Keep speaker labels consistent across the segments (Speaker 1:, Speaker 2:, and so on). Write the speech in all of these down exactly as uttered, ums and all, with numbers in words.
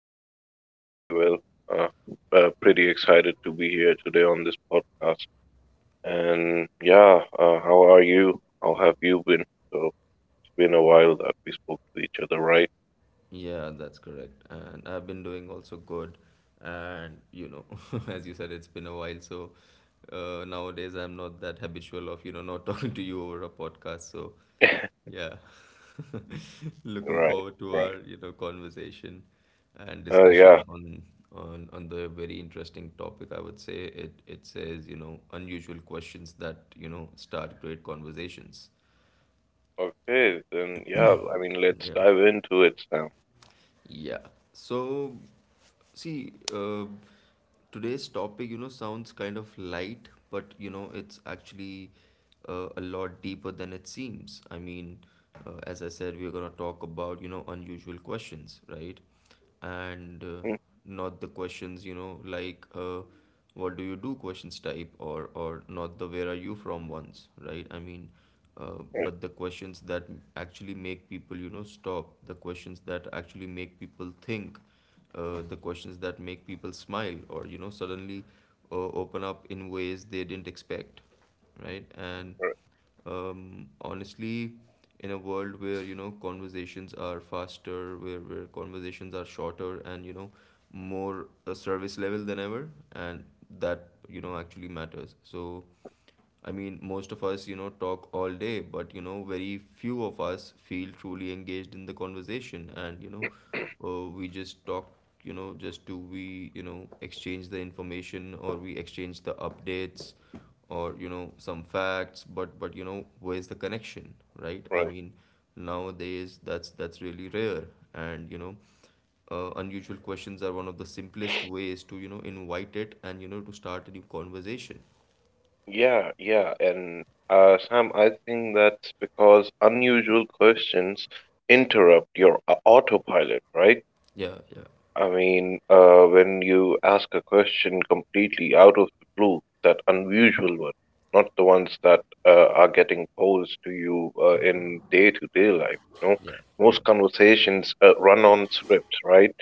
Speaker 1: everything's going very well. Uh, uh, Pretty excited to be here today on this podcast. And yeah, uh, how are you? How have you been? So it's been a while that we spoke to each other, right?
Speaker 2: Yeah, that's correct. And I've been doing also good. And you know, as you said, it's been a while. So uh, nowadays, I'm not that habitual of you know not talking to you over a podcast. So yeah, looking
Speaker 1: Right,
Speaker 2: forward to our
Speaker 1: right.
Speaker 2: you know conversation and
Speaker 1: Uh, yeah.
Speaker 2: discussion on on on the very interesting topic. I would say it it says you know unusual questions that you know start great conversations.
Speaker 1: Okay, then yeah, I mean, let's
Speaker 2: Yeah.
Speaker 1: dive into it, Sam.
Speaker 2: Yeah. So, see, uh, today's topic, you know, sounds kind of light, but, you know, it's actually uh, a lot deeper than it seems. I mean, uh, as I said, we're going to talk about, you know, unusual questions, right? and uh,
Speaker 1: Mm.
Speaker 2: not the questions you know like uh, what do you do questions type, or or not the where are you from ones, right? I mean, uh,
Speaker 1: Right,
Speaker 2: but the questions that actually make people you know stop, the questions that actually make people think, uh, the questions that make people smile, or you know suddenly uh, open up in ways they didn't expect, right? And
Speaker 1: right.
Speaker 2: um, honestly, in a world where you know conversations are faster, where, where conversations are shorter and you know more a service level than ever, and that you know actually matters. So I mean, most of us, you know, talk all day, but, you know, very few of us feel truly engaged in the conversation. And, you know, uh, we just talk, you know, just do we, you know, exchange the information, or we exchange the updates, or, you know, some facts. But, but, you know, where's the connection, right? I
Speaker 1: Right.
Speaker 2: mean, nowadays that's, that's really rare. And, you know, uh, unusual questions are one of the simplest ways to, you know, invite it, and, you know, to start a new conversation.
Speaker 1: Yeah, yeah, and uh, Sam, I think that's because unusual questions interrupt your uh, autopilot, right?
Speaker 2: Yeah, yeah.
Speaker 1: I mean, uh, when you ask a question completely out of the blue, that unusual one, not the ones that uh, are getting posed to you uh, in day-to-day life, you know,
Speaker 2: Yeah,
Speaker 1: most
Speaker 2: yeah,
Speaker 1: conversations uh, run on scripts, right?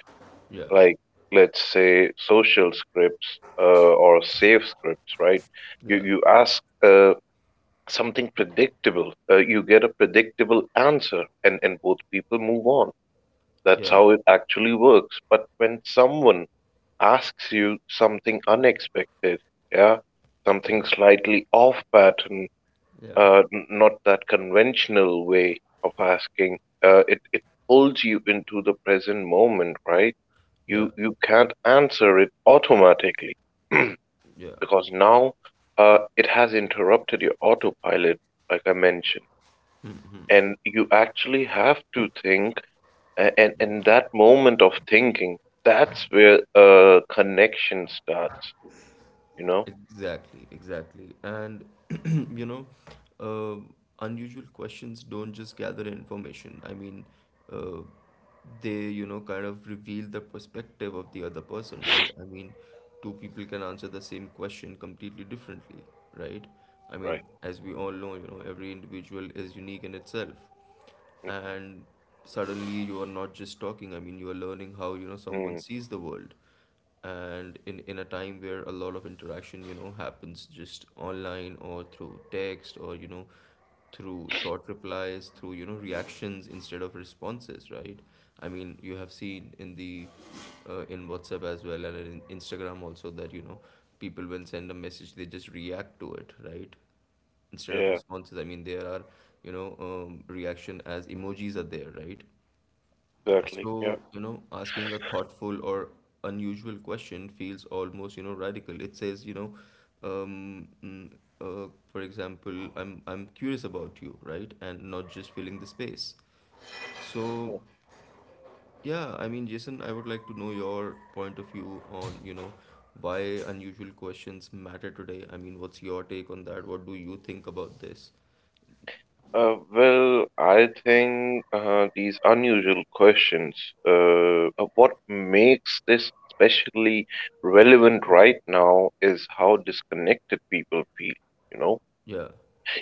Speaker 2: yeah,
Speaker 1: Like, let's say social scripts uh, or safe scripts, right? You
Speaker 2: yeah,
Speaker 1: you ask uh, something predictable, uh, you get a predictable answer, and and both people move on. That's
Speaker 2: yeah,
Speaker 1: how it actually works. But when someone asks you something unexpected, yeah, something
Speaker 2: yeah,
Speaker 1: slightly off pattern,
Speaker 2: yeah,
Speaker 1: uh, n- not that conventional way of asking. Uh, it it pulls you into the present moment, right?
Speaker 2: yeah,
Speaker 1: You you can't answer it automatically
Speaker 2: yeah,
Speaker 1: because now uh, it has interrupted your autopilot, like I mentioned, and you actually have to think, a- and
Speaker 2: yeah.
Speaker 1: and that moment of thinking, that's where uh, connection starts. You know.
Speaker 2: Exactly, exactly. And you know, uh, unusual questions don't just gather information. I mean, uh, they you know kind of reveal the perspective of the other person, right? I mean, two people can answer the same question completely differently, right? I mean,
Speaker 1: Right.
Speaker 2: as we all know, you know, every individual is unique in itself, and suddenly you are not just talking. I mean, you are learning how you know someone
Speaker 1: Mhm.
Speaker 2: sees the world, and in in a time where a lot of interaction you know happens just online, or through text, or you know through short replies, through you know reactions instead of responses, right? I mean, you have seen in the uh, in WhatsApp as well, and in Instagram also, that you know people, when send a message, they just react to it, right? Instead of
Speaker 1: Yeah,
Speaker 2: responses, I mean, there are, you know um, reaction as emojis are there, right?
Speaker 1: exactly. Yeah.
Speaker 2: So you know asking a thoughtful or unusual question feels almost you know radical. It says, you know um, mm, uh, for example, i'm i'm curious about you, right, and not just filling the space. So
Speaker 1: Oh.
Speaker 2: yeah, I mean, Jason, I would like to know your point of view on, you know why unusual questions matter today. I mean, what's your take on that? What do you think about this?
Speaker 1: Uh, well, I think uh, these unusual questions, uh, uh, what makes this especially relevant right now is how disconnected people feel, you know,
Speaker 2: Yeah.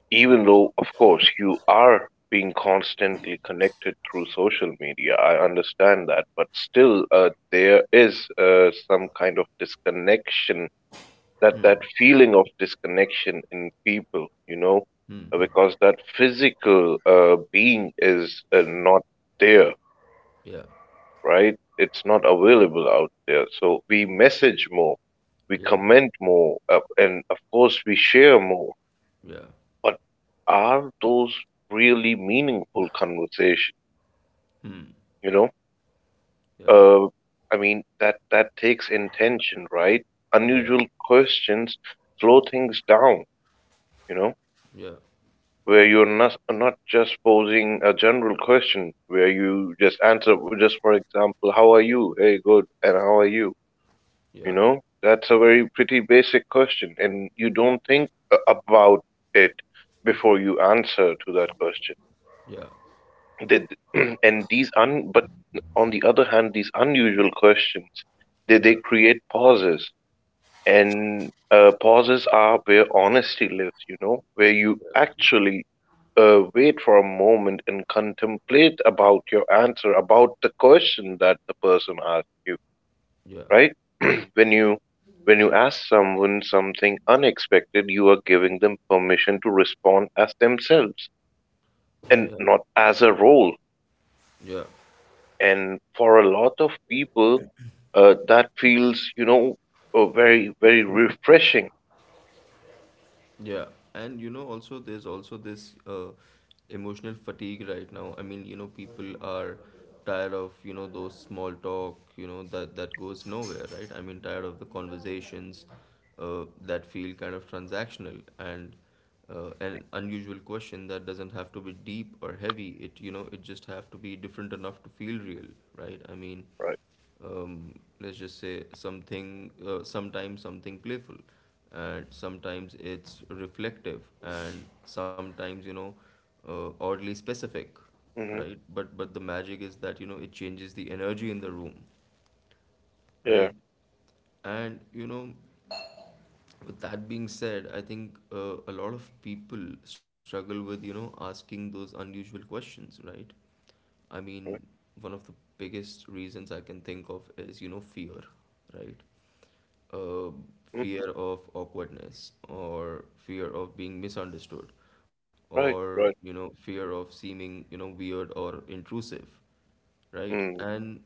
Speaker 1: even though, of course, you are being constantly connected through social media. I understand that, but still, uh, there is uh, some kind of disconnection, that that feeling of disconnection in people, you know, uh, because that physical uh, being is uh, not there,
Speaker 2: Yeah,
Speaker 1: right? It's not available out there. So we message more, we
Speaker 2: yeah,
Speaker 1: comment more, uh, and of course we share more.
Speaker 2: yeah,
Speaker 1: But are those really meaningful conversations?
Speaker 2: hmm,
Speaker 1: You know,
Speaker 2: yeah,
Speaker 1: uh, I mean that that takes intention, right?
Speaker 2: yeah,
Speaker 1: Unusual questions slow things down. You know,
Speaker 2: yeah,
Speaker 1: where you're not not just posing a general question, where you just answer, just for example, how are you? Hey, good, and how are you? You
Speaker 2: yeah,
Speaker 1: know, that's a very pretty basic question, and you don't think a- about it before you answer to that question.
Speaker 2: yeah,
Speaker 1: Did and these un but on the other hand, these unusual questions, they
Speaker 2: yeah,
Speaker 1: they create pauses and uh, pauses are where honesty lives, you know, where you actually uh, wait for a moment and contemplate about your answer, about the question that the person asked you,
Speaker 2: yeah,
Speaker 1: right? when you when you ask someone something unexpected, you are giving them permission to respond as themselves and
Speaker 2: yeah,
Speaker 1: not as a role.
Speaker 2: yeah.
Speaker 1: And for a lot of people, uh, that feels, you know, uh, very very refreshing,
Speaker 2: Yeah, and you know, also, there's also this uh, emotional fatigue right now. I mean, you know, people are tired of you know those small talk, you know, that that goes nowhere, right? I mean, tired of the conversations uh, that feel kind of transactional, and uh, an unusual question that doesn't have to be deep or heavy. It you know, it just have to be different enough to feel real, right? I mean,
Speaker 1: right?
Speaker 2: um, let's just say something. Uh, sometimes something playful, and sometimes it's reflective, and sometimes you know uh, oddly specific,
Speaker 1: Hmm.
Speaker 2: right? But but the magic is that you know it changes the energy in the room,
Speaker 1: Yeah.
Speaker 2: right? And you know with that being said, I think, uh, a lot of people struggle with you know asking those unusual questions, right? I mean, one of the biggest reasons I can think of is you know fear, right? uh,
Speaker 1: Mm.
Speaker 2: Fear of awkwardness, or fear of being misunderstood,
Speaker 1: Right,
Speaker 2: or you
Speaker 1: right.
Speaker 2: know fear of seeming you know weird or intrusive, right?
Speaker 1: Mm,
Speaker 2: And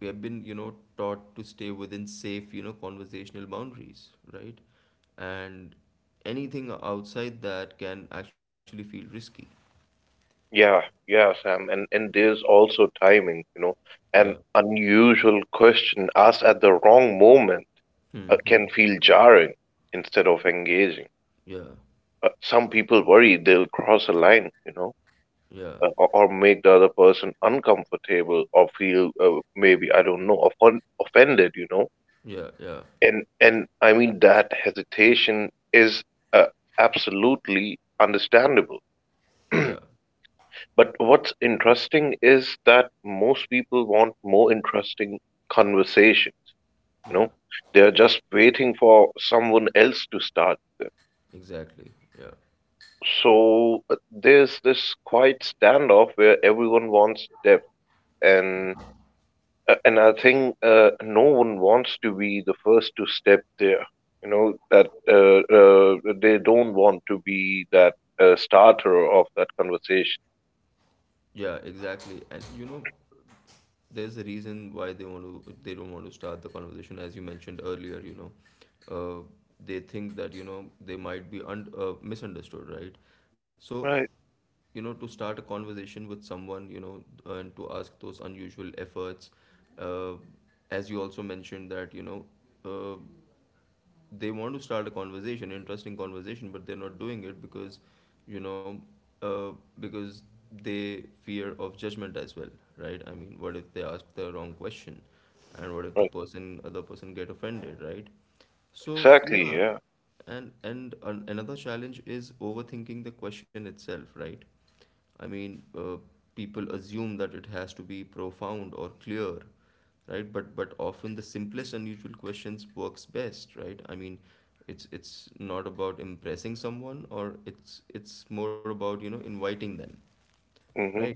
Speaker 2: we have been you know taught to stay within safe you know conversational boundaries, right? And anything outside that can actually feel risky.
Speaker 1: yeah, yeah, Sam. And and there's also timing, you know. An
Speaker 2: Yeah.
Speaker 1: unusual question asked at the wrong moment
Speaker 2: Hmm.
Speaker 1: uh,
Speaker 2: Hmm.
Speaker 1: can feel jarring instead of engaging.
Speaker 2: Yeah,
Speaker 1: Uh, some people worry they'll cross a line, you know,
Speaker 2: yeah,
Speaker 1: uh, or, or make the other person uncomfortable or feel uh, maybe I don't know offend, offended, you know.
Speaker 2: yeah, yeah,
Speaker 1: And and I mean that hesitation is uh, absolutely understandable.
Speaker 2: yeah,
Speaker 1: But what's interesting is that most people want more interesting conversation. You
Speaker 2: yeah,
Speaker 1: know? They're just waiting for someone else to start.
Speaker 2: exactly, yeah,
Speaker 1: So uh, there's this quiet standoff where everyone wants depth and uh, and I think uh, no one wants to be the first to step there. You know, that uh, uh, they don't want to be that uh, starter of that conversation.
Speaker 2: yeah, exactly. And you know there's a reason why they want to, they don't want to start the conversation, as you mentioned earlier. you know uh, they think that you know they might be un- uh, misunderstood, right? So
Speaker 1: Right.
Speaker 2: you know to start a conversation with someone, you know uh, and to ask those unusual efforts, uh, as you also mentioned, that you know uh, they want to start a conversation, interesting conversation, but they're not doing it because, you know, uh, because they fear of judgment as well, right? I mean, what if they ask the wrong question, and what if the
Speaker 1: Right.
Speaker 2: person other person get offended, right? So
Speaker 1: Exactly,
Speaker 2: yeah,
Speaker 1: yeah.
Speaker 2: and and an another challenge is overthinking the question itself, right? I mean, uh, people assume that it has to be profound or clear, right? But but often the simplest unusual questions works best, right? I mean, it's it's not about impressing someone, or it's it's more about you know inviting them,
Speaker 1: Mm-hmm.
Speaker 2: right?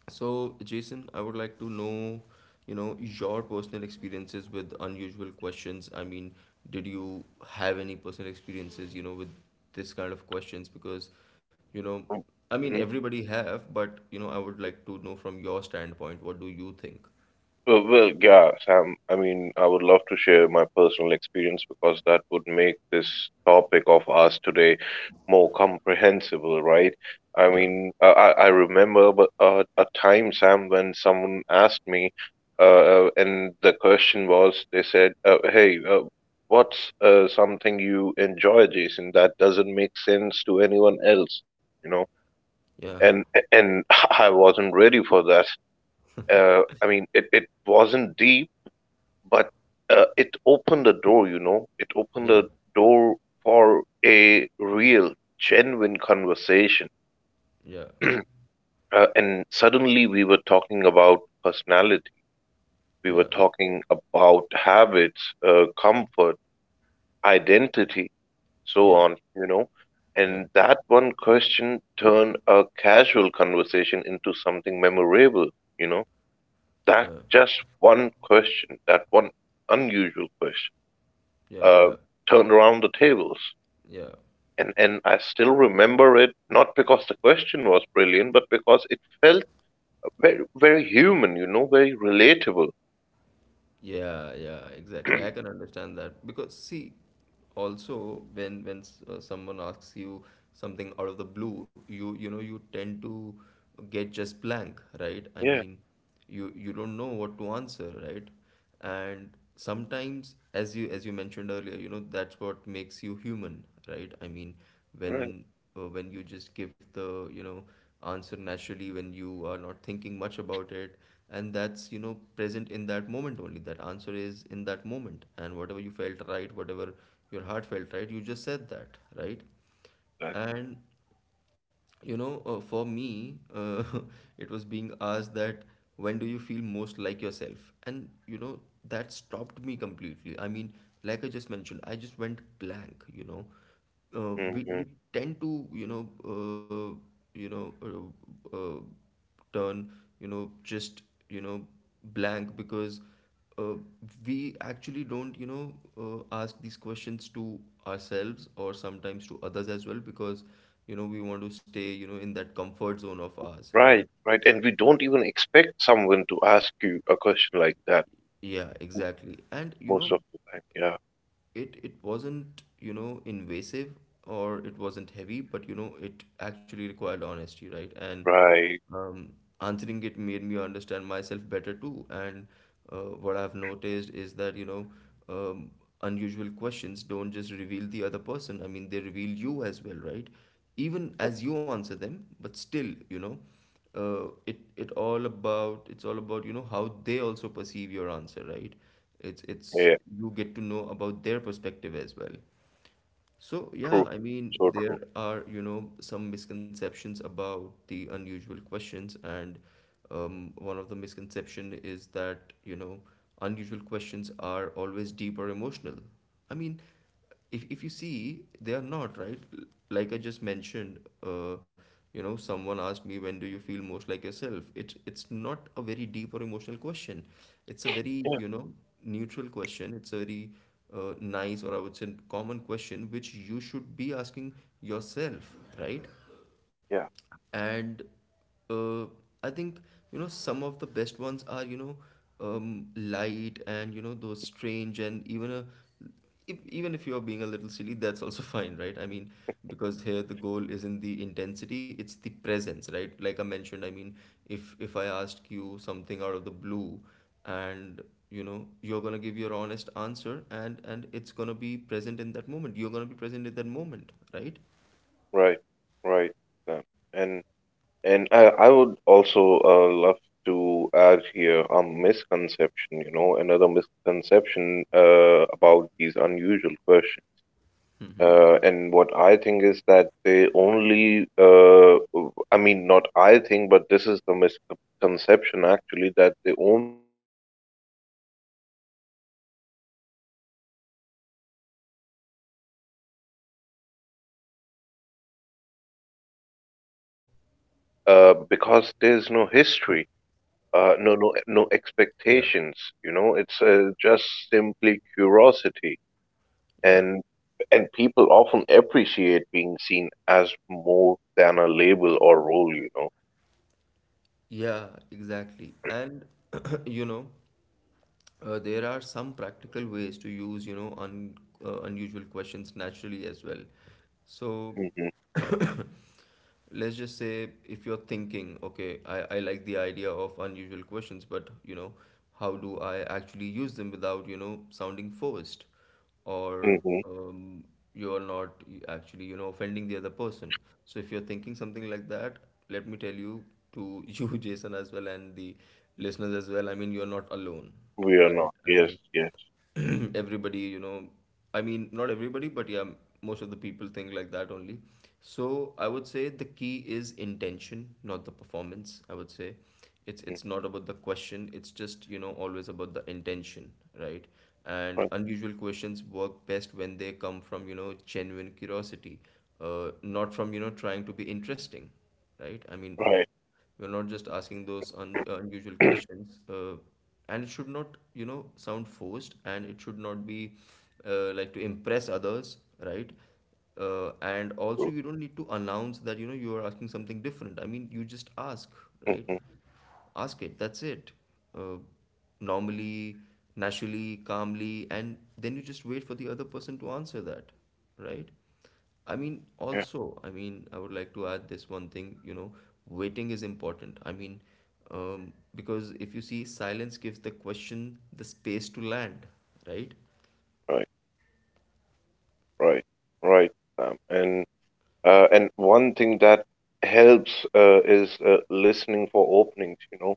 Speaker 2: So, Jason, I would like to know, you know, your personal experiences with unusual questions. I mean, did you have any personal experiences, you know, with this kind of questions? Because, you know, I mean,
Speaker 1: Mm-hmm.
Speaker 2: everybody have, but, you know, I would like to know from your standpoint, what do you think?
Speaker 1: Uh, well, yeah, Sam. I mean, I would love to share my personal experience because that would make this topic of ours today more comprehensible, right? I
Speaker 2: Yeah,
Speaker 1: mean, I, I I remember but, uh, a time, Sam, when someone asked me, uh, uh, and the question was, they said, uh, "Hey, uh, what's uh, something you enjoy, Jason, that doesn't make sense to anyone else?" You know,
Speaker 2: yeah,
Speaker 1: and and I wasn't ready for that. Uh, I mean, it, it wasn't deep but, uh, it opened the door, you know? It opened
Speaker 2: yeah,
Speaker 1: the door for a real, genuine conversation.
Speaker 2: yeah,
Speaker 1: Uh, and suddenly we were talking about personality. We were
Speaker 2: yeah,
Speaker 1: talking about habits, uh, comfort, identity, so
Speaker 2: yeah,
Speaker 1: on, you know? And
Speaker 2: yeah,
Speaker 1: that one question turned a casual conversation into something memorable, you know? That
Speaker 2: yeah,
Speaker 1: just one question, that one unusual question,
Speaker 2: yeah,
Speaker 1: uh,
Speaker 2: yeah,
Speaker 1: turned around the tables.
Speaker 2: yeah.
Speaker 1: And and I still remember it not because the question was brilliant, but because it felt very very human, you know, very relatable.
Speaker 2: Yeah, yeah, exactly. I can understand that because, see, also when when s- uh, someone asks you something out of the blue, you you know you tend to get just blank, right? I
Speaker 1: Yeah,
Speaker 2: mean, you you don't know what to answer, right? And sometimes, as you as you mentioned earlier, you know that's what makes you human, right? I mean,
Speaker 1: right.
Speaker 2: when uh, when you just give the you know answer naturally, when you are not thinking much about it, and that's you know present in that moment only. That answer is in that moment, and whatever you felt, right, whatever your heart felt, right, you just said that, right.
Speaker 1: Right.
Speaker 2: And you know uh, for me, uh, it was being asked that, when do you feel most like yourself? And you know that stopped me completely. I mean, like I just mentioned, I just went blank you know uh, we,
Speaker 1: Hmm.
Speaker 2: we tend to you know uh, you know uh, uh, turn you know just you know blank, because uh, we actually don't you know uh, ask these questions to ourselves, or sometimes to others as well, because you know we want to stay you know in that comfort zone of ours, right?
Speaker 1: Right, right. And we don't even expect someone to ask you a question like that
Speaker 2: Yeah, exactly. And you
Speaker 1: most
Speaker 2: know
Speaker 1: of the time. Yeah,
Speaker 2: it it wasn't you know invasive, or it wasn't heavy, but you know it actually required honesty, right. and
Speaker 1: right.
Speaker 2: Um, Answering it made me understand myself better too. And uh, what I've noticed is that, you know, um, unusual questions don't just reveal the other person. I mean, they reveal you as well, right? Even as you answer them. But still, you know, uh, it it all about it's all about you know how they also perceive your answer, right? It's it's
Speaker 1: Yeah,
Speaker 2: you get to know about their perspective as well. So, yeah,
Speaker 1: true.
Speaker 2: I mean,
Speaker 1: So true.
Speaker 2: there are, you know, some misconceptions about the unusual questions, and um, one of the misconception is that, you know, unusual questions are always deep or emotional. I mean, if if you see, they are not, right? L- Like I just mentioned, uh, you know, someone asked me, when do you feel most like yourself? It's it's not a very deep or emotional question. It's a very, you
Speaker 1: Yeah,
Speaker 2: know, neutral question. It's a very uh, nice, or I would say, common question, which you should be asking yourself, right?
Speaker 1: yeah,
Speaker 2: And uh, I think you know some of the best ones are you know um, light, and you know those strange, and even a if, even if you are being a little silly, that's also fine, right? I mean, because here the goal isn't the intensity, it's the presence, right, like I mentioned. I mean, if if I ask you something out of the blue, and you know you're gonna give your honest answer, and and it's gonna be present in that moment. You're gonna be present in that moment, right?
Speaker 1: right, right. Um, and and I, I would also uh, love to add here a misconception, you know, another misconception uh, about these unusual questions.
Speaker 2: Mm-hmm.
Speaker 1: Uh, and what I think is that they only, uh, I mean, not I think, but this is the misconception actually that they only work in close relationships, you know. But honestly, they can work even better with strangers or new acquaintances, you know, people that you actually don't know, right? Uh, because there's no history, uh,
Speaker 2: Yeah,
Speaker 1: no no no expectations. You know, it's uh, just simply curiosity,
Speaker 2: yeah.
Speaker 1: and and people often appreciate being seen as more than a label or role. You know.
Speaker 2: Yeah, exactly. And you know, uh, there are some practical ways to use, you know, un uh, unusual questions naturally as well. So
Speaker 1: Hmm.
Speaker 2: let's just say if you're thinking, okay, I, I like the idea of unusual questions, but you know, how do I actually use them without, you know, sounding forced? Or
Speaker 1: Hmm.
Speaker 2: um, you're not actually, you know, offending the other person. So if you're thinking something like that, let me tell you to you, Jason, as well and the listeners as well. I mean, you're not alone,
Speaker 1: We are
Speaker 2: right?
Speaker 1: not.
Speaker 2: I
Speaker 1: Yes,
Speaker 2: mean,
Speaker 1: yes.
Speaker 2: everybody, you know, I mean, not everybody, but yeah, most of the people think like that only. So I would say the key is intention, not the performance, I would say. it's
Speaker 1: Mm.
Speaker 2: it's not about the question, it's just, you know, always about the intention, right? And
Speaker 1: Right,
Speaker 2: unusual questions work best when they come from, you know, genuine curiosity, uh, not from, you know, trying to be interesting. Right, I mean,
Speaker 1: right,
Speaker 2: we're not just asking those un uh, unusual questions. Uh, and it should not, you know, sound forced, and it should not be uh, like to impress others, right? Uh, and also,
Speaker 1: true.
Speaker 2: you don't need to announce that, you know, you are asking something different. I mean, you just ask, right?
Speaker 1: Hmm.
Speaker 2: Ask it, that's it. uh, Normally, naturally, calmly, and then you just wait for the other person to answer that, right? I mean,
Speaker 1: Yeah,
Speaker 2: also, I mean, I would like to add this one thing, you know, waiting is important. I mean, um, because if you see, silence gives the question the space to land, right?
Speaker 1: right, right, right. Sam. And uh, and one thing that helps uh, is uh, listening for openings. You know,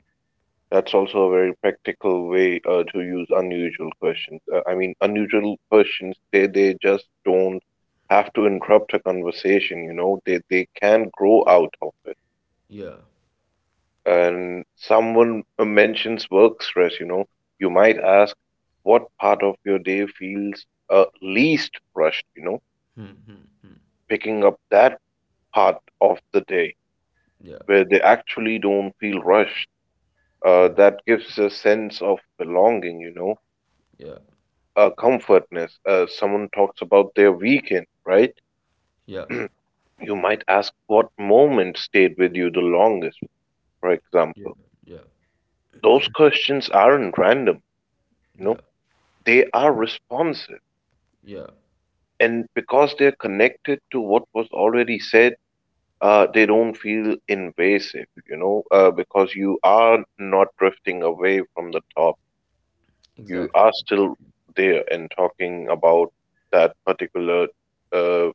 Speaker 1: that's also a very practical way uh, to use unusual questions. Uh, I mean, unusual questions, they, they just don't have to interrupt a conversation, you know, they, they can grow out of it.
Speaker 2: Yeah,
Speaker 1: And someone uh, mentions work stress, you know, you might ask, what part of your day feels uh, least rushed, you know,
Speaker 2: mm-hmm.
Speaker 1: picking up that part of the day
Speaker 2: Yeah,
Speaker 1: where they actually don't feel rushed. Uh,
Speaker 2: yeah,
Speaker 1: that gives a sense of belonging, you know,
Speaker 2: yeah,
Speaker 1: a comfortness. Uh, someone talks about their weekend, right?
Speaker 2: yeah,
Speaker 1: You might ask, what moment stayed with you the longest, for
Speaker 2: yeah,
Speaker 1: example.
Speaker 2: yeah,
Speaker 1: Those questions aren't random, you know,
Speaker 2: yeah,
Speaker 1: they are responsive.
Speaker 2: yeah,
Speaker 1: And because they're connected to what was already said, uh, they don't feel invasive, you know, uh, because you are not drifting away from the top. You
Speaker 2: exactly,
Speaker 1: are still
Speaker 2: exactly,
Speaker 1: there and talking about that particular uh,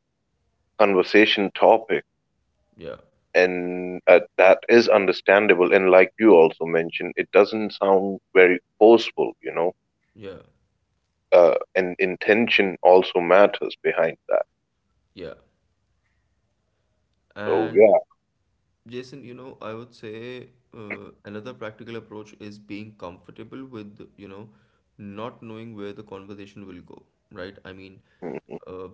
Speaker 1: conversation topic,
Speaker 2: yeah,
Speaker 1: and uh, that is understandable, and like you also mentioned, it doesn't sound very forceful, you know,
Speaker 2: yeah.
Speaker 1: uh, and intention also matters behind that,
Speaker 2: Yeah.
Speaker 1: so
Speaker 2: And
Speaker 1: yeah.
Speaker 2: Jason, you know, I would say uh, another practical approach is being comfortable with, you know, not knowing where the conversation will go, right? I mean,
Speaker 1: Hmm.
Speaker 2: uh,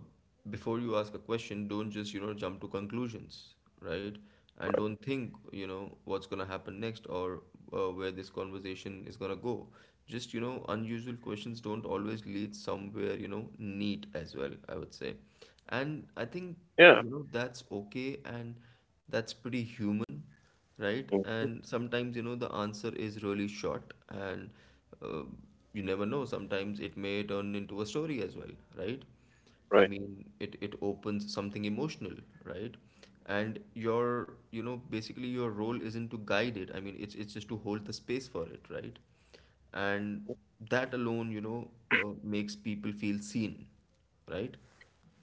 Speaker 2: before you ask a question, don't just, you know, jump to conclusions, right? And don't think, you know, what's going to happen next, or uh, where this conversation is going to go. Just, you know, unusual questions don't always lead somewhere, you know, neat as well, I would say. And I think,
Speaker 1: Yeah.
Speaker 2: you know, that's okay, and that's pretty human, right?
Speaker 1: Hmm.
Speaker 2: And sometimes, you know, the answer is really short, and uh, you never know. Sometimes it may turn into a story as well, right? I
Speaker 1: Right,
Speaker 2: mean, it, it opens something emotional, right? And your, you know, basically your role isn't to guide it. I mean, it's, it's just to hold the space for it, right? And that alone, you know, uh, makes people feel seen, right?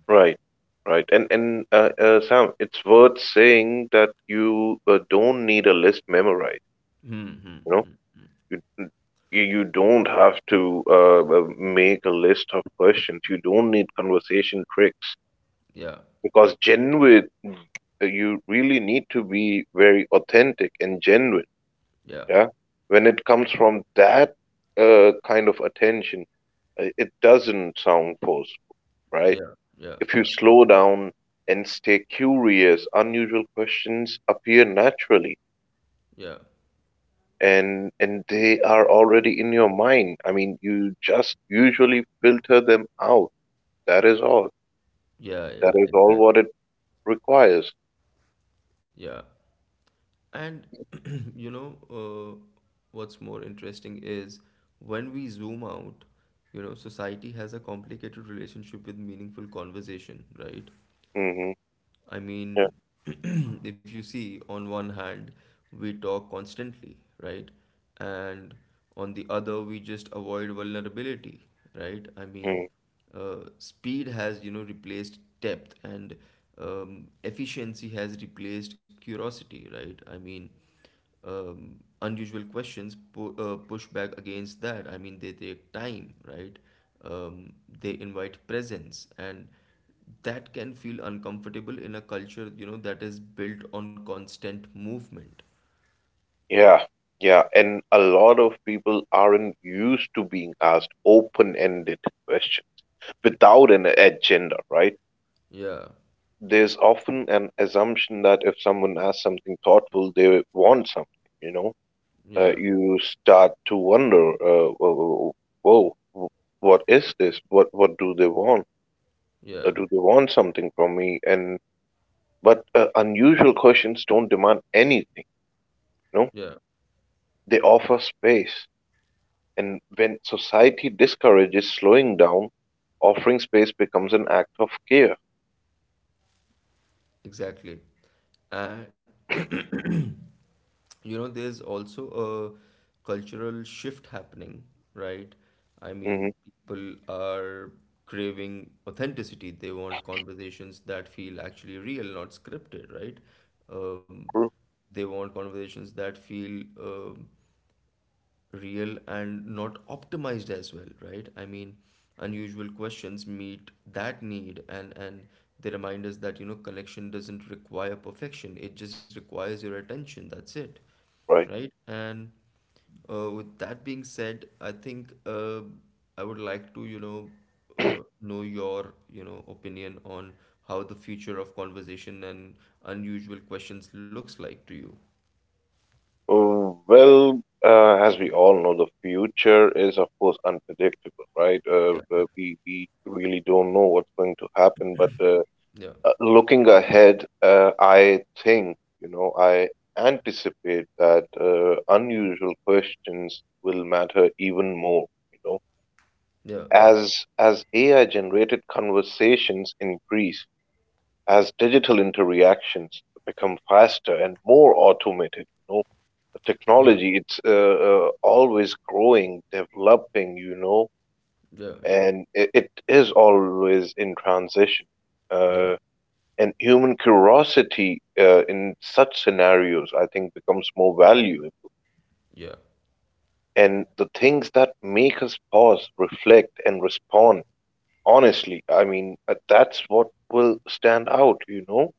Speaker 1: right, right. And and uh, uh, Sam, it's worth saying that you uh, don't need a list memorized,
Speaker 2: Hmm.
Speaker 1: you know. You mm, you, you don't have to uh, uh, make a list of questions. You don't need conversation tricks
Speaker 2: Yeah.
Speaker 1: because genuine, you really need to be very authentic and genuine,
Speaker 2: Yeah.
Speaker 1: yeah, when it comes from that uh, kind of attention, uh, it doesn't sound forceful, right?
Speaker 2: Yeah. Yeah.
Speaker 1: If you
Speaker 2: Yeah.
Speaker 1: slow down and stay curious, unusual questions appear naturally,
Speaker 2: Yeah.
Speaker 1: and and they are already in your mind. I mean, you just usually filter them out. That is all,
Speaker 2: Yeah,
Speaker 1: that
Speaker 2: yeah,
Speaker 1: is all
Speaker 2: exactly.
Speaker 1: what it requires.
Speaker 2: Yeah. And you know, uh, what's more interesting is when we zoom out, you know, society has a complicated relationship with meaningful conversation, right?
Speaker 1: Hmm.
Speaker 2: I
Speaker 1: Yeah.
Speaker 2: mean, if you see, on one hand, we talk constantly, right? And on the other, we just avoid vulnerability, right? I mean,
Speaker 1: Mm-hmm.
Speaker 2: uh, speed has, you know, replaced depth, and um, efficiency has replaced curiosity, right? I mean, um, unusual questions pu- uh, push back against that. I mean, they take time, right? Um, they invite presence, and that can feel uncomfortable in a culture, you know, that is built on constant movement.
Speaker 1: Yeah, yeah, and a lot of people aren't used to being asked open-ended questions without an agenda, right?
Speaker 2: Yeah,
Speaker 1: There's often an assumption that if someone asks something thoughtful, they want something, you know? Uh,
Speaker 2: yeah,
Speaker 1: you start to wonder, uh, whoa, whoa, whoa, what is this? What what do they want? Uh,
Speaker 2: yeah,
Speaker 1: do they want something from me? And but uh, unusual questions don't demand anything, you know?
Speaker 2: yeah,
Speaker 1: They offer space. And when society discourages slowing down, offering space becomes an act of care.
Speaker 2: exactly. And you know, there's also a cultural shift happening, right? I mean,
Speaker 1: Hmm.
Speaker 2: people are craving authenticity. They want conversations that feel actually real, not scripted, right? um,
Speaker 1: True.
Speaker 2: they want conversations that feel um real and not optimized as well, right? I mean, unusual questions meet that need, and and they remind us that, you know, connection doesn't require perfection, it just requires your attention, that's it,
Speaker 1: Right.
Speaker 2: right? And uh, with that being said, I think uh, I would like to, you know, uh, know your, you know, opinion on how the future of conversation and unusual questions looks like to you.
Speaker 1: Uh, well, uh, as we all know, the future is, of course, unpredictable, right?
Speaker 2: Yeah,
Speaker 1: Uh,
Speaker 2: yeah,
Speaker 1: uh, we we really don't know what's going to happen. But uh,
Speaker 2: yeah,
Speaker 1: uh, looking ahead, uh, I think, you know, I anticipate that uh, unusual questions will matter even more. You know,
Speaker 2: yeah, yeah,
Speaker 1: As as A I-generated conversations increase, as digital interactions become faster and more automated, you know, the
Speaker 2: yeah.
Speaker 1: technology, it's uh, uh, always growing, developing, you know,
Speaker 2: Yeah, yeah,
Speaker 1: and it, it is always in transition.
Speaker 2: yeah,
Speaker 1: Uh, and human curiosity uh, in such scenarios, I think, becomes more valuable.
Speaker 2: yeah,
Speaker 1: And the things that make us pause, reflect, and respond honestly, I mean, uh, that's what will stand out, you know,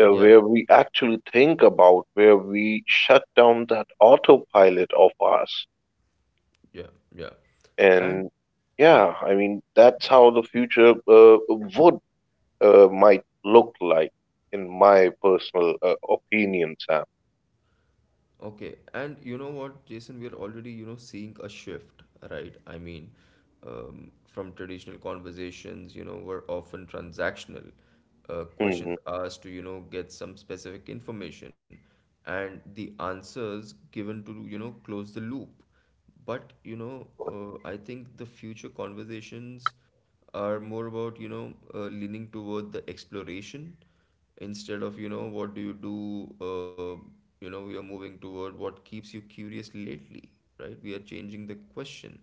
Speaker 1: uh,
Speaker 2: yeah,
Speaker 1: where we actually think about, where we shut down that autopilot of ours.
Speaker 2: yeah, yeah. And
Speaker 1: And yeah, I mean, that's how the future uh, would uh, might look like, in my personal uh, opinion, Sam.
Speaker 2: okay, and you know what, Jason, we are already, you know, seeing a shift, right? I mean, um, from traditional conversations, you know, were often transactional, uh, questions
Speaker 1: Hmm.
Speaker 2: asked to, you know, get some specific information, and the answers given to, you know, close the loop. But you know, uh, I think the future conversations are more about, you know, uh, leaning toward the exploration instead of, you know, what do you do. Uh, you know, we are moving toward what keeps you curious lately, right? We are changing the question,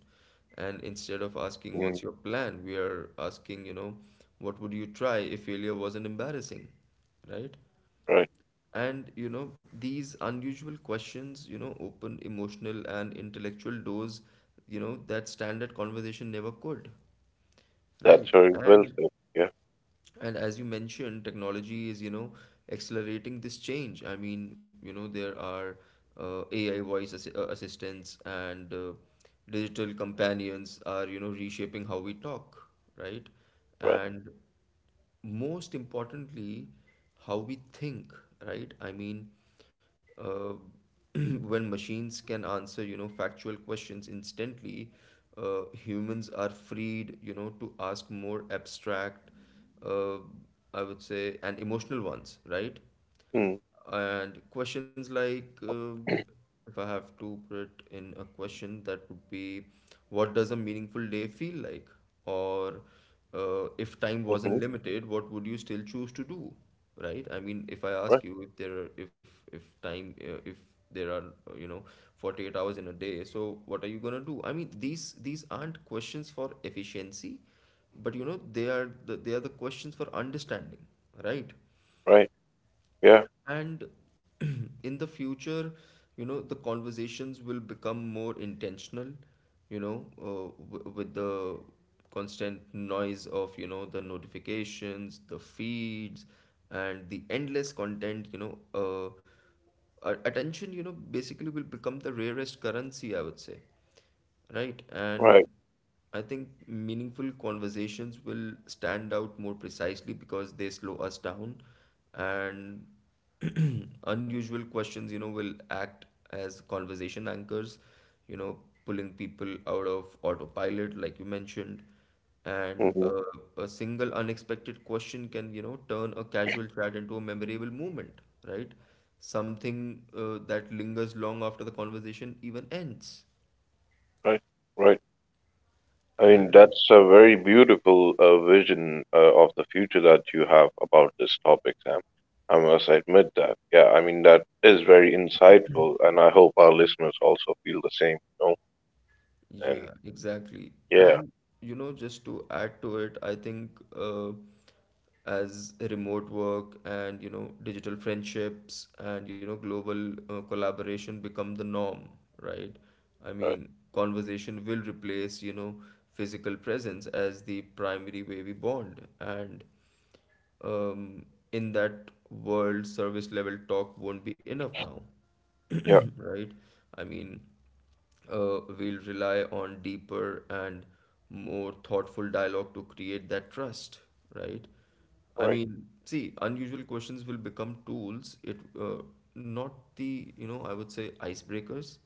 Speaker 2: and instead of asking
Speaker 1: Mm.
Speaker 2: what's your plan, we are asking, you know, what would you try if failure wasn't embarrassing, right?
Speaker 1: Right.
Speaker 2: And you know, these unusual questions, you know, open emotional and intellectual doors, you know, that standard conversation never could,
Speaker 1: That's
Speaker 2: right?
Speaker 1: very well
Speaker 2: And
Speaker 1: said. Yeah.
Speaker 2: and as you mentioned, technology is, you know, accelerating this change. I mean, you know, there are uh, A I voice assi- uh, assistants and uh, digital companions are, you know, reshaping how we talk, right?
Speaker 1: Right.
Speaker 2: And most importantly, how we think, right? I mean, uh, when machines can answer, you know, factual questions instantly, uh, humans are freed, you know, to ask more abstract, uh, I would say, and emotional ones, right?
Speaker 1: Mm-hmm.
Speaker 2: And questions like, uh, if I have to put it in a question, that would be, what does a meaningful day feel like? Or uh, if time wasn't
Speaker 1: Mm-hmm.
Speaker 2: limited, what would you still choose to do? Right? I mean, if I
Speaker 1: Right.
Speaker 2: ask you if there are, if if time uh, if there are uh, you know, forty-eight hours in a day, so what are you gonna do? I mean, these these aren't questions for efficiency, but you know, they are the, they are the questions for understanding, right?
Speaker 1: Right. Yeah.
Speaker 2: And in the future, you know, the conversations will become more intentional, you know, uh, w- with the constant noise of, you know, the notifications, the feeds, and the endless content, you know, uh, a- attention, you know, basically will become the rarest currency, I would say. Right. And
Speaker 1: Right.
Speaker 2: I think meaningful conversations will stand out more precisely because they slow us down, and unusual questions, you know, will act as conversation anchors, you know, pulling people out of autopilot, like you mentioned. And
Speaker 1: Hmm.
Speaker 2: uh, a single unexpected question can, you know, turn a casual chat into a memorable moment, right? Something uh, that lingers long after the conversation even ends.
Speaker 1: Right. Right. I mean,
Speaker 2: And
Speaker 1: that's a very beautiful uh, vision uh, of the future that you have about this topic, Sam. I must admit that. Yeah, I mean, that is very insightful, and I hope our listeners also feel the same, you know? And
Speaker 2: yeah, exactly.
Speaker 1: yeah,
Speaker 2: And you know, just to add to it, I think uh, as remote work and, you know, digital friendships and, you know, global uh, collaboration become the norm, right? I
Speaker 1: right.
Speaker 2: mean, conversation will replace, you know, physical presence as the primary way we bond, and um, in that world, service level talk won't be enough now,
Speaker 1: Yeah,
Speaker 2: right? I mean, uh, we'll rely on deeper and more thoughtful dialogue to create that trust, right? I
Speaker 1: right.
Speaker 2: mean, see, unusual questions will become tools, it uh, not the, you know, I would say icebreakers,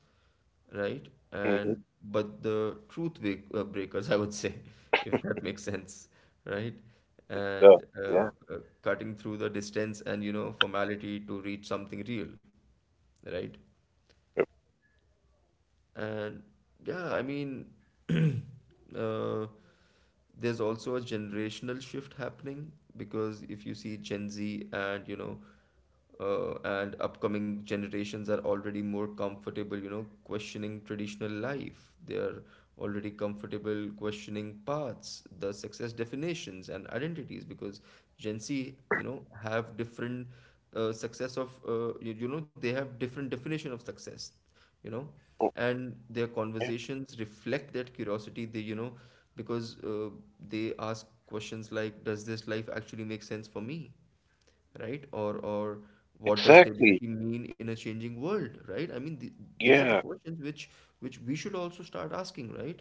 Speaker 2: right?
Speaker 1: Hmm.
Speaker 2: And but the truth break, uh, breakers, I would say, if that makes sense, right?
Speaker 1: Yeah,
Speaker 2: And uh,
Speaker 1: yeah.
Speaker 2: uh, cutting through the distance and, you know, formality to reach something real, right?
Speaker 1: Yep.
Speaker 2: And yeah, I mean, uh, there's also a generational shift happening because if you see Gen Z and, you know, uh, and upcoming generations are already more comfortable, you know, questioning traditional life. They are already comfortable questioning paths, the success definitions and identities because Gen Z, you know, have different uh, success of, uh, you, you know, they have different definition of success, you know.
Speaker 1: Oh,
Speaker 2: And their
Speaker 1: yeah.
Speaker 2: conversations reflect that curiosity, they, you know, because uh, they ask questions like, does this life actually make sense for me, right? or or what does
Speaker 1: Exactly.
Speaker 2: stability mean in a changing world, right? I mean, th- these are the
Speaker 1: Yeah,
Speaker 2: questions which which we should also start asking, right?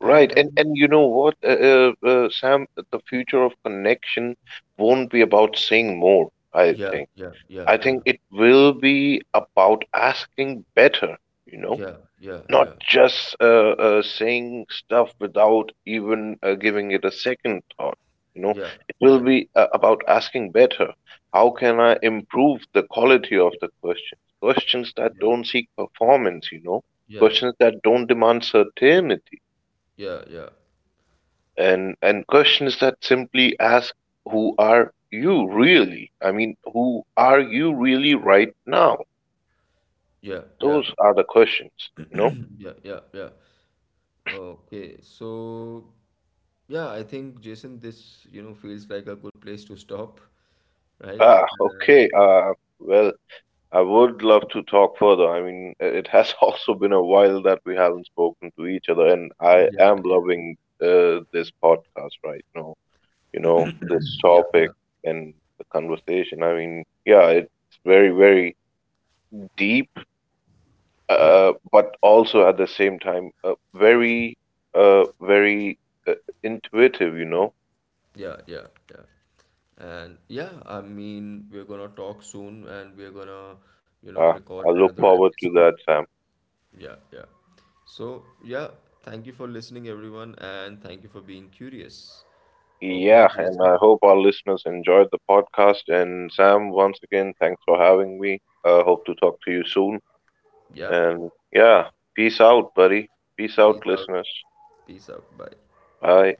Speaker 2: and
Speaker 1: right. And
Speaker 2: and
Speaker 1: and you know what, uh, uh, uh, Sam, the future of connection won't be about saying more, I
Speaker 2: yeah,
Speaker 1: think.
Speaker 2: yeah, yeah,
Speaker 1: I
Speaker 2: yeah,
Speaker 1: think it will be about asking better, you know,
Speaker 2: yeah, yeah,
Speaker 1: not
Speaker 2: yeah,
Speaker 1: just uh, uh, saying stuff without even uh, giving it a second thought. You know,
Speaker 2: yeah,
Speaker 1: it will be uh, about asking better. How can I improve the quality of the questions? Questions that
Speaker 2: yeah,
Speaker 1: don't seek performance, you know,
Speaker 2: yeah,
Speaker 1: questions that don't demand certainty,
Speaker 2: yeah, yeah,
Speaker 1: and and questions that simply ask, who are you really? I mean, who are you really right now?
Speaker 2: yeah, yeah,
Speaker 1: Those are the questions, you know?
Speaker 2: yeah, yeah, yeah. Okay, so yeah, I think Jason, this, you know, feels like a good place to stop, right?
Speaker 1: Ah,
Speaker 2: And
Speaker 1: okay. Uh, well, I would love to talk further. I mean, it has also been a while that we haven't spoken to each other, and I
Speaker 2: yeah,
Speaker 1: am
Speaker 2: yeah, yeah,
Speaker 1: loving uh, this podcast right now, you know, this
Speaker 2: yeah, yeah,
Speaker 1: topic and the conversation. I mean, yeah, it's very, very deep,
Speaker 2: yeah,
Speaker 1: uh, but also at the same time, uh, very, uh, very uh, intuitive, you know?
Speaker 2: yeah, yeah, yeah. And yeah, I mean, we're gonna talk soon, and we're gonna, you know,
Speaker 1: Uh,
Speaker 2: record
Speaker 1: I look
Speaker 2: another
Speaker 1: forward to
Speaker 2: episode.
Speaker 1: that, Sam.
Speaker 2: Yeah, yeah. So yeah, thank you for listening, everyone, and thank you for being curious. Okay,
Speaker 1: Yeah, and
Speaker 2: Jason.
Speaker 1: I hope our listeners enjoyed the podcast. And Sam, once again, thanks for having me. I hope to talk to you soon.
Speaker 2: Yeah.
Speaker 1: And yeah, peace out, buddy. Peace
Speaker 2: Peace
Speaker 1: out,
Speaker 2: out.
Speaker 1: listeners.
Speaker 2: Peace out. Bye.
Speaker 1: Bye.